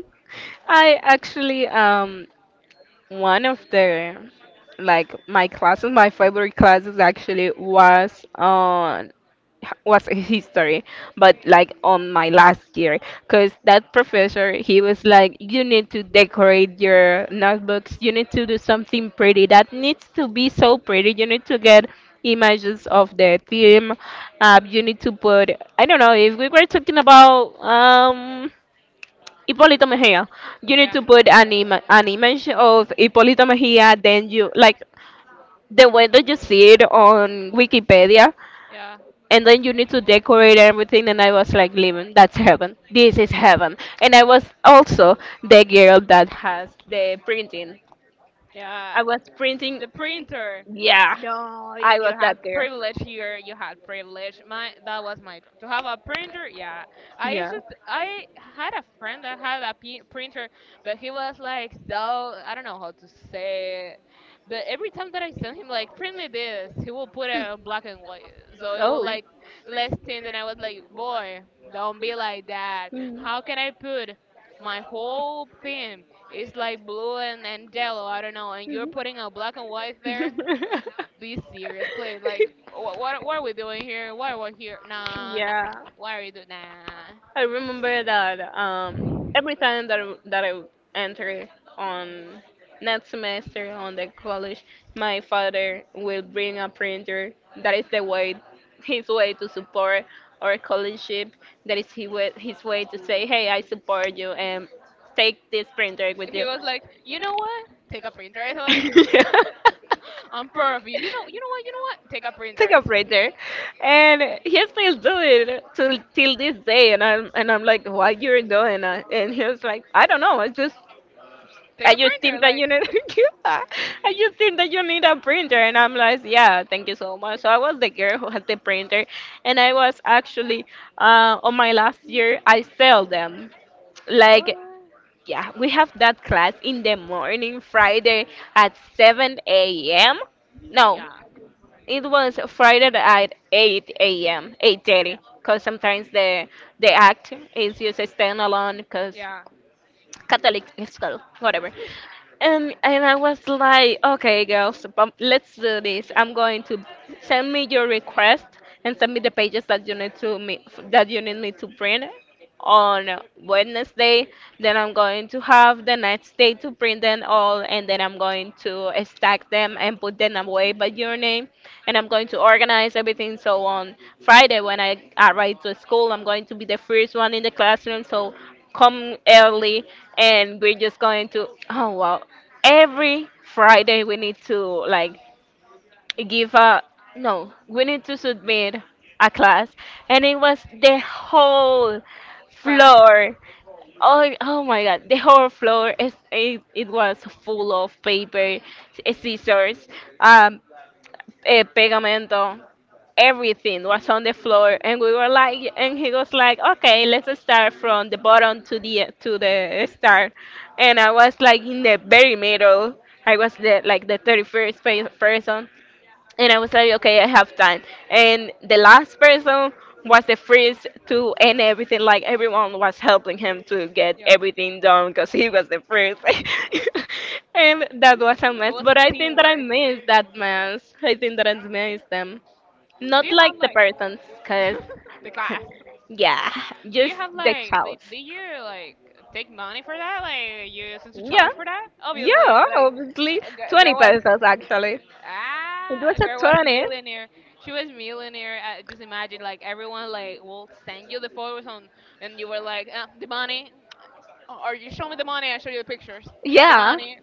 I actually one of the like my classes, my favorite classes actually was history, but like on my last year, because that professor he was like, you need to decorate your notebooks, you need to do something pretty. That needs to be so pretty. You need to get images of the theme. You need to put I don't know if we were talking about Hipólito Mejia. You need Yeah, to put an, Im- an image of Hipólito Mejia, then you like the way that you see it on Wikipedia, yeah, and then you need to decorate everything. And I was like, living, that's heaven. This is heaven. And I was also the girl that has the printing. yeah. I was printing. The printer. Yeah, No, you I you was had that girl. privilege here. You had privilege. My that was my dream to have a printer. Yeah, I used Yeah. to. I had a friend that had a printer, but he was like so I don't know how to say it. But every time that I sent him like print me this, he will put it on black and white, so it will like less tint. And I was like, boy, don't be like that. How can I put my whole thing it's like blue and, yellow. I don't know. And you're putting a black and white there. Be serious, please. Like, what are we doing here? Why are we here? Nah, nah. Yeah. Why are you doing? Nah. I remember that every time that I enter on next semester on the college, my father will bring a printer. That is the way, his way to support our collegeship. That is his way to say, "Hey, I support you and take this printer with He you." was like, you know what? Take a printer. I was I'm proud of you. You know, You know what? Take a printer. Take a break there, and he still do it till this day. And I'm like, what you're doing that? And he was like, I don't know. Take I a just printer. think that you Like, need I just think that you need a printer. And I'm like, yeah, thank you so much. So I was the girl who had the printer, and I was actually on my last year. I sell them like, what? yeah, we have that class in the morning Friday at 7 a.m. No, Yeah, it was Friday at 8 a.m., 8:30, yeah, because sometimes the act is just a standalone, because yeah. Catholic school, whatever. And I was like, okay, girls, let's do this. I'm going to send me your request and send me the pages that you need to me that you need me to print on Wednesday. Then I'm going to have the next day to print them all, and then I'm going to stack them and put them away by your name. And I'm going to organize everything. So on Friday, when I arrive to school, I'm going to be the first one in the classroom. So come early and we're just going to, oh wow, every Friday we need to like give a, no, we need to submit a class, and it was the whole Class. floor. Oh, my God, the whole floor is it was full of paper, scissors, um pegamento, everything was on the floor, and we were like, and he was like, okay, let's start from the bottom to the start, and I was like in the very middle. I was the like the 31st person, and I was like, okay, I have time. And the last person was the first to end everything. Like everyone was helping him to get Yeah. everything done because he was the first. And that was a It mess. was a But I think that I teamwork. missed that mess. I think that I missed them. Do Not you have like the like persons, cause the class? yeah, Do just you have the like do, childs. do you like take money for that? Like you used to Yeah, charge for that? Obviously, yeah, like obviously 20 girl was pesos actually. It ah was a girl was 20. millionaire. She was millionaire. Just imagine like everyone like will send you the photos on, and you were like the money, or you show me the money, I show you the pictures. Shut the Yeah. money.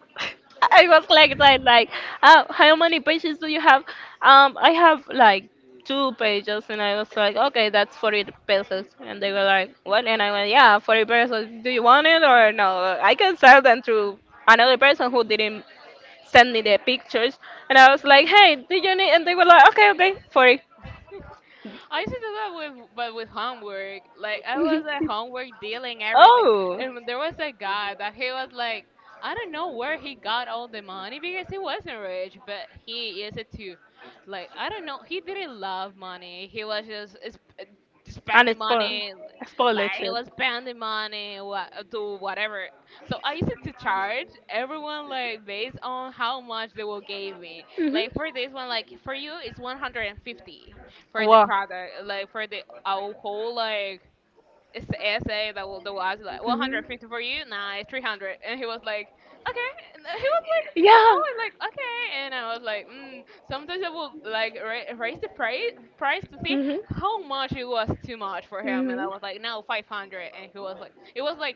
I was like that, like, how many pages do you have? I have like two pages, and I was like, okay, that's 40 pesos. And they were like, what? And I went, yeah, 40 pesos. Do you want it or no? I can sell them to another person who didn't send me the pictures. And I was like, hey, do you need? And they were like, okay, okay, 40. I used to do that with, but with homework. Like I was at homework dealing everything, Oh, and there was a guy that he was like, I don't know where he got all the money because he wasn't rich, but he used it to, like I don't know, he didn't love money. He was just and spending it's spoiled. money, I spoiled that like he chip. was spending money what do whatever. So I used to charge everyone like based on how much they will give me. Mhm. Like for this one, like for you it's 150 for the Wow. product, like for the our whole like it's the essay that will do us like Mhm. 150, for you, nah, it's 300. And he was like, okay. And he was like, I Yeah. was like, okay. And I was like, mm, sometimes I will like raise the price to see Mhm. how much it was too much for him. And I was like, no, 500. And he was like, it was like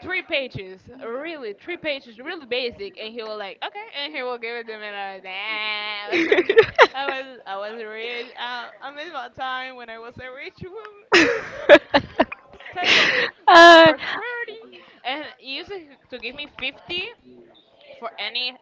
three pages, three pages, really basic, and he was like, okay, and he will give it to me. And I was, "Ah." I was rich. I'm in my time when I was a rich woman type of, Mhm. for 30, and he used to uh, give me 50 for any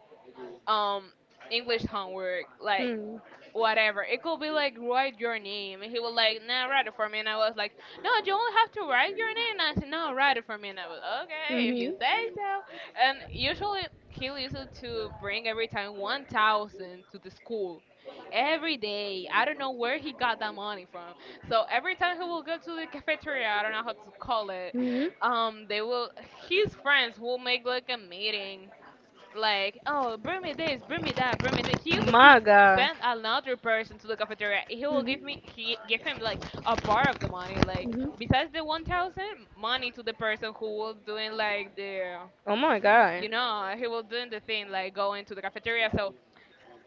um English homework. Like Mm. whatever. It could be like write your name. And he was like, nah, write it for me. And I was like, no, you only have to write your name. And I said, no, write it for me. And I was okay if you Hmm. say so. And usually he used to bring every time 1,000 to the school. Every day, I don't know where he got that money from. So every time he will go to the cafeteria, I don't know how to call it. Hmm. They will his friends will make like a meeting like, oh, bring me this, bring me that, bring me that. He used it to My God. send another person to the cafeteria. He will give Hmm. me, he give him like a part of the money, like Hmm. besides the 1,000 money to the person who was doing like the, Oh my you God. know, he was doing the thing like going to the cafeteria. So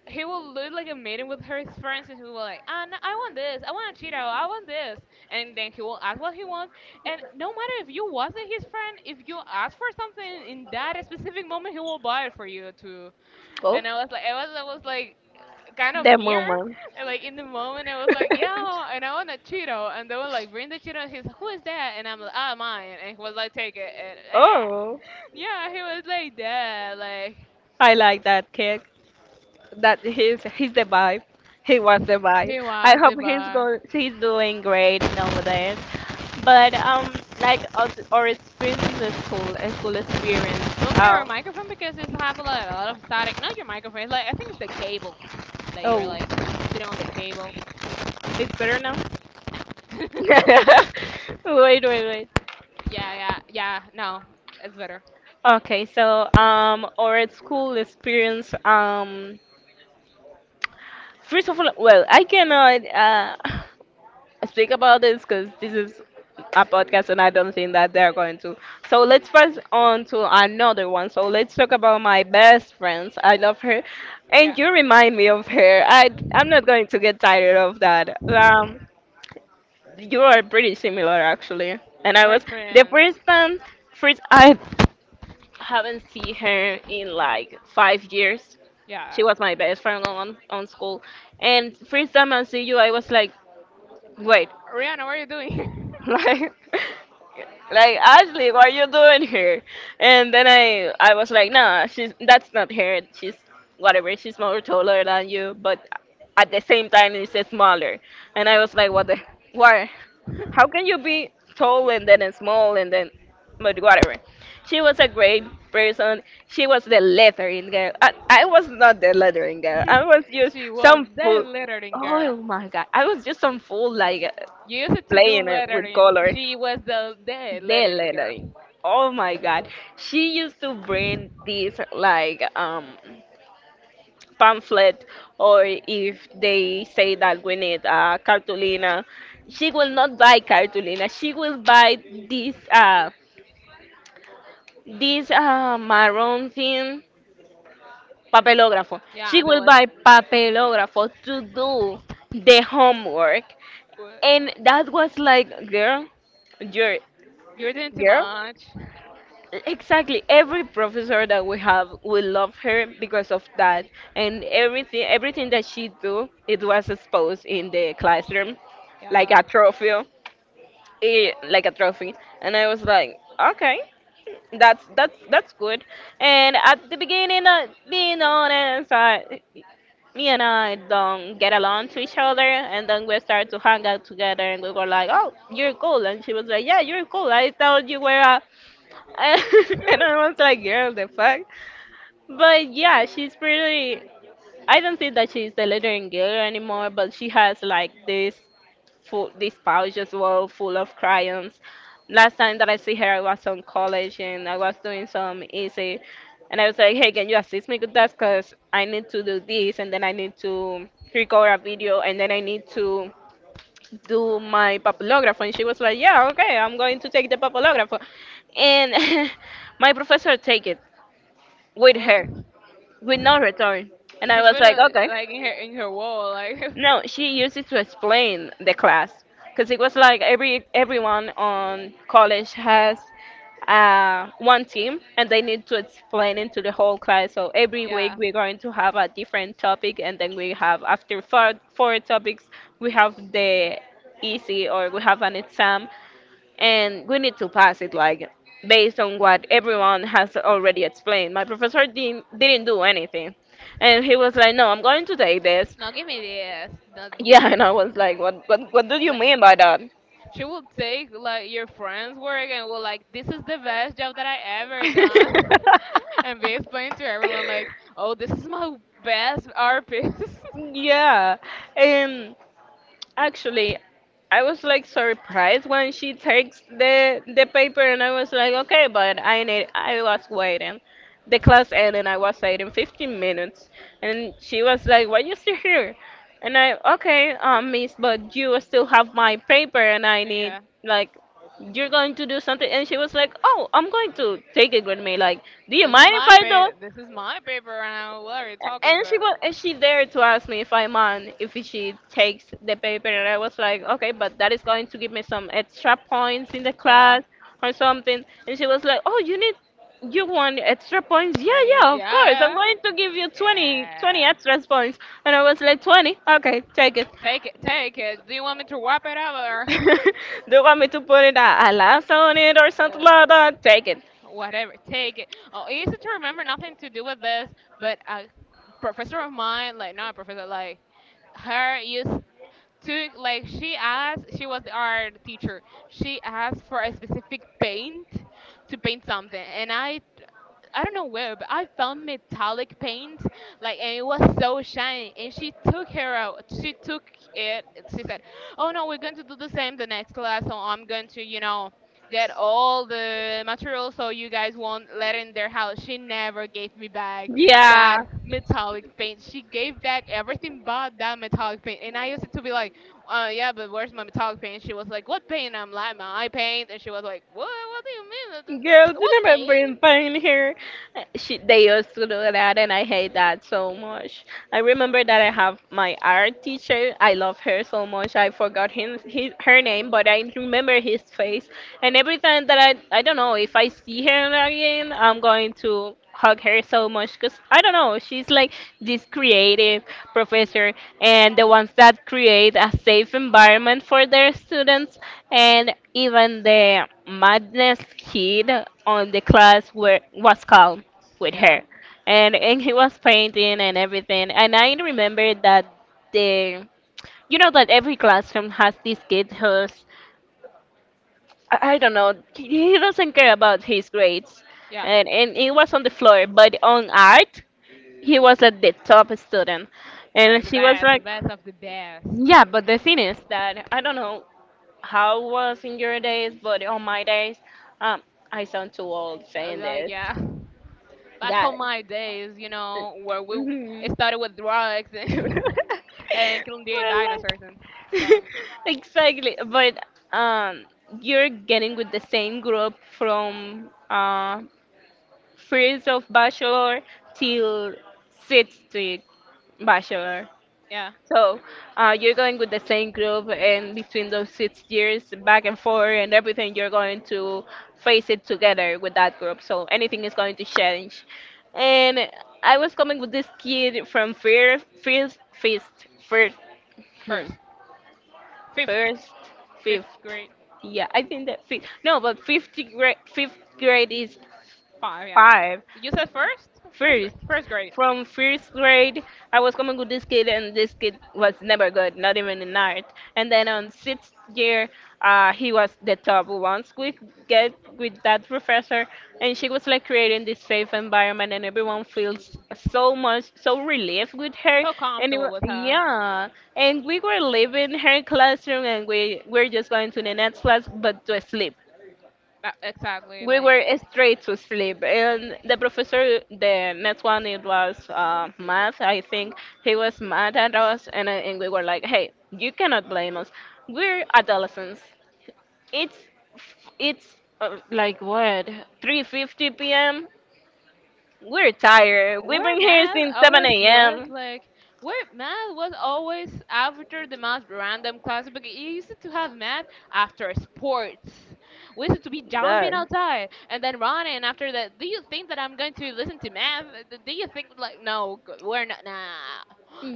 he will do like a meeting with her friends, and he will like, ah, no, I want this, I want a Cheeto, I want this, and then he will ask what he wants. And no matter if you wasn't his friend, if you ask for something in that specific moment, he will buy it for you to. Oh, And I was like, I was like kind of that near, mama. and like in the moment, I was like, yeah, and I want a Cheeto, and they were like, bring the Cheeto, and he's, like, who is that? And I'm like, ah, mine, and he was like, take it, and Oh, yeah, he was like that, like I like that kid. That he's the vibe. He was the vibe. he I was the hope he's bar. going. He's doing great nowadays. But like our experience in the school, a school experience. Move your Oh, microphone because it's have a lot of static. Not your microphone. It's like I think it's the cable that you're oh, like sitting on the cable. it's better now. Nah. Wait, wait. yeah, yeah, yeah. No, it's better. Okay, so our school experience. First of all, well, I cannot. Speak about this because this is a podcast and I don't think that they're going to. So let's press on to another one. So let's talk about my best friends. I love her, and Yeah, you remind me of her. I'm not going to get tired of that. You are pretty similar actually. And I we're was the friends. first time, first I haven't seen her in like 5 years. She Yeah, was my best friend on school, and first time I see you, I was like, wait. Rihanna, what are you doing? like like Ashley, what are you doing here? And then I was like, nah, she's that's not her. She's whatever. She's more taller than you, but at the same time, it's smaller. And I was like, what the why? How can you be tall and then small and then, but whatever. She was a great person. She was the lettering girl. I was not the lettering girl. I was just She was some the fool. lettering girl. Oh my God! I was just some fool like You used to do playing it with lettering. color. She was the The lettering girl. lettering. Oh my God. She used to bring these like pamphlet, or if they say that we need cartulina, she will not buy cartulina. She will buy this this maroon thing, papelógrafo. Yeah, She that will was buy papelógrafo to do the homework. what And that was like, girl, you're you're doing too girl. much. Exactly. Every professor that we have, we love her because of that, and everything, everything that she do, it was exposed in the classroom, like Yeah. a trophy, eh, like a trophy. And I was like, okay, that's that's good. And at the beginning, being honest, I, me and I don't get along to each other, and then we started to hang out together, and we were like, oh, you're cool, and she was like, yeah, you're cool. I thought you were a and I was like, girl, the fuck? But yeah, she's pretty. I don't think that she's the lettering girl anymore, but she has like this full, this pouch as well full of crayons. Last time that I see her, I was on college and I was doing some essay, and I was like, hey, can you assist me with that? Cause I need to do this, and then I need to record a video, and then I need to do my papillograph, and she was like, yeah, okay, I'm going to take the papillograph, and my professor take it with What, her with no return, and I she was put like, it okay, like in her wall, like no, she used it to explain the class because it was like every everyone on college has one team and they need to explain it to the whole class, so every week yeah. we're going to have a different topic, and then we have after four topics we have the easy, or we have an exam and we need to pass it like based on what everyone has already explained. My professor didn't do anything, and he was like, "No, I'm going to take this." Now give me this. Not yet. Yeah, and I was like, "What what do you Like, mean by that?" she will take like your friend's work and will like this is the best job that I ever done and be explaining to everyone like, oh this is my best art piece. Yeah, and actually, I was like surprised when she takes the paper, and I was like, okay, but I need. I was waiting. The class ended. I was waiting 15 minutes, and she was like, "Why you still here?" And I, okay, miss, but you still have my paper, and I need Yeah. like you're going to do something. And she was like, oh, I'm going to take it with me. Like, do you This is mind if my I paper. do? This is my paper round. What are you talking And she about? was, and she dared to ask me if I mind if she takes the paper, and I was like, okay, but that is going to give me some extra points in the Yeah. class or something. And she was like, oh, you need, you want extra points? Yeah, Yeah. yeah, of course. I'm Yeah. going to give you 20 Yeah. extra points. And I was like, 20? Okay, take it. Take it. Take it. Do you want me to wrap it up or Do you want me to put it a last on it or something like that? Uh, Take it. whatever? Take it. Oh, it's easy to remember. Nothing to do with this. But a professor of mine, like not a professor, like her used to like she asked she was the art teacher she asked for a specific paint to paint something. And I don't know where, but I found metallic paint, like, and it was so shiny. And she took her out. She took it. She said, "Oh no, we're going to do the same the next class. So I'm going to, you know, get all the materials so you guys won't let in their house." She never gave me back that Yeah, metallic paint. She gave back everything but that metallic paint. And I used to be like, "Yeah, but where's my metallic paint?" She was like, "What paint?" I'm like, "My eye paint." And she was like, "What? What do you mean? girls, What you never bring paint?" pain here. She, they used to do that, and I hate that so much. I remember that I have my art teacher. I love her so much. I forgot her name, but I remember his face. And every time that I don't know if I see her again, I'm going to hug her so much, because I don't know, she's like this creative professor and the ones that create a safe environment for their students, and even the madness kid on the class was calm with Yeah. her, and he was painting and everything, and I remember that the, you know that every classroom has this kid who's, I don't know, he doesn't care about his grades Yeah, and it was on the floor, but on art he was at the top student, and like she was the like, best of the best. yeah, but the thing is that I don't know how it was in your days, but on my days um I sound too old I was saying like, this. yeah. Back Yeah. on my days, you know, where we Hmm. it started with drugs But and, and killing the like, dinosaurs and stuff. exactly but um you're getting with the same group from first of bachelor till sixth to bachelor. Yeah, So you're going with the same group, and between those 6 years, back and forth, and everything, you're going to face it together with that group. So anything is going to change. And I was coming with this kid from First, hmm, first, fifth, First, fifth Fifth. grade, Yeah, I think that fifth. No, but fifth grade is five. Yeah, five. you said first, First, first grade. from first grade, I was coming with this kid, and this kid was never good, not even in art. And then on sixth year, he was the top. Once we get with that professor, and she was like creating this safe environment, and everyone feels so much, so relieved with her. So And comfortable with her. Yeah, and we were leaving her classroom, and we were just going to the next class, but to sleep, Exactly, we were like straight to sleep, and the professor the next one it was math, I think. He was mad at us, and we were like, hey, you cannot blame us, we're adolescents, it's like what, 3:50 p.m., we're tired, we've where been here math since 7 always was a.m. like where math was always after the most random class because you used to have math after sports. We used to be jumping Done. outside and then running after that, do you think that I'm going to listen to math? Do you think, like no we're not, nah.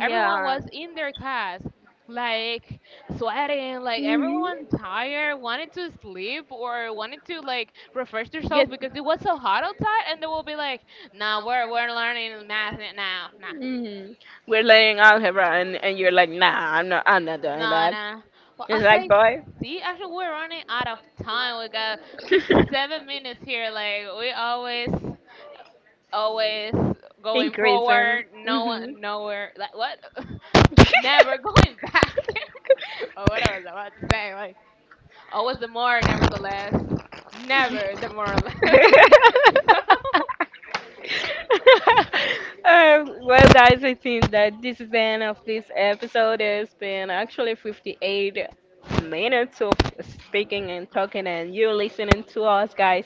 Everyone was in their class like sweating, like Mhm. everyone tired wanted to sleep or wanted to like refresh themselves Get. because it was so hot outside, and they will be like, no, we're learning math now. Mhm. We're learning algebra, and you're like, nah, I'm not doing Nah, that. no, no. Well, I It's like, say, boy, see, actually, we're running out of time. We got 57 minutes here. Like we always, always going increasing. forward. No Hmm. one, nowhere. Like what? Never going back. or what I was about to say. Like always the more, nevertheless. Never the more or less. So, um, well, guys, I think that this is the end of this episode. It's been actually 58 minutes of speaking and talking, and you listening to us, guys,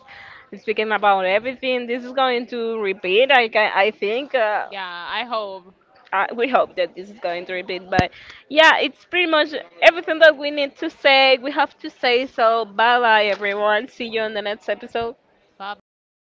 speaking about everything. This is going to repeat. I think. Yeah, I hope. I, we hope that this is going to repeat, but yeah, it's pretty much everything that we need to say. We have to say so. Bye bye, everyone. See you on the next episode. Bye bye.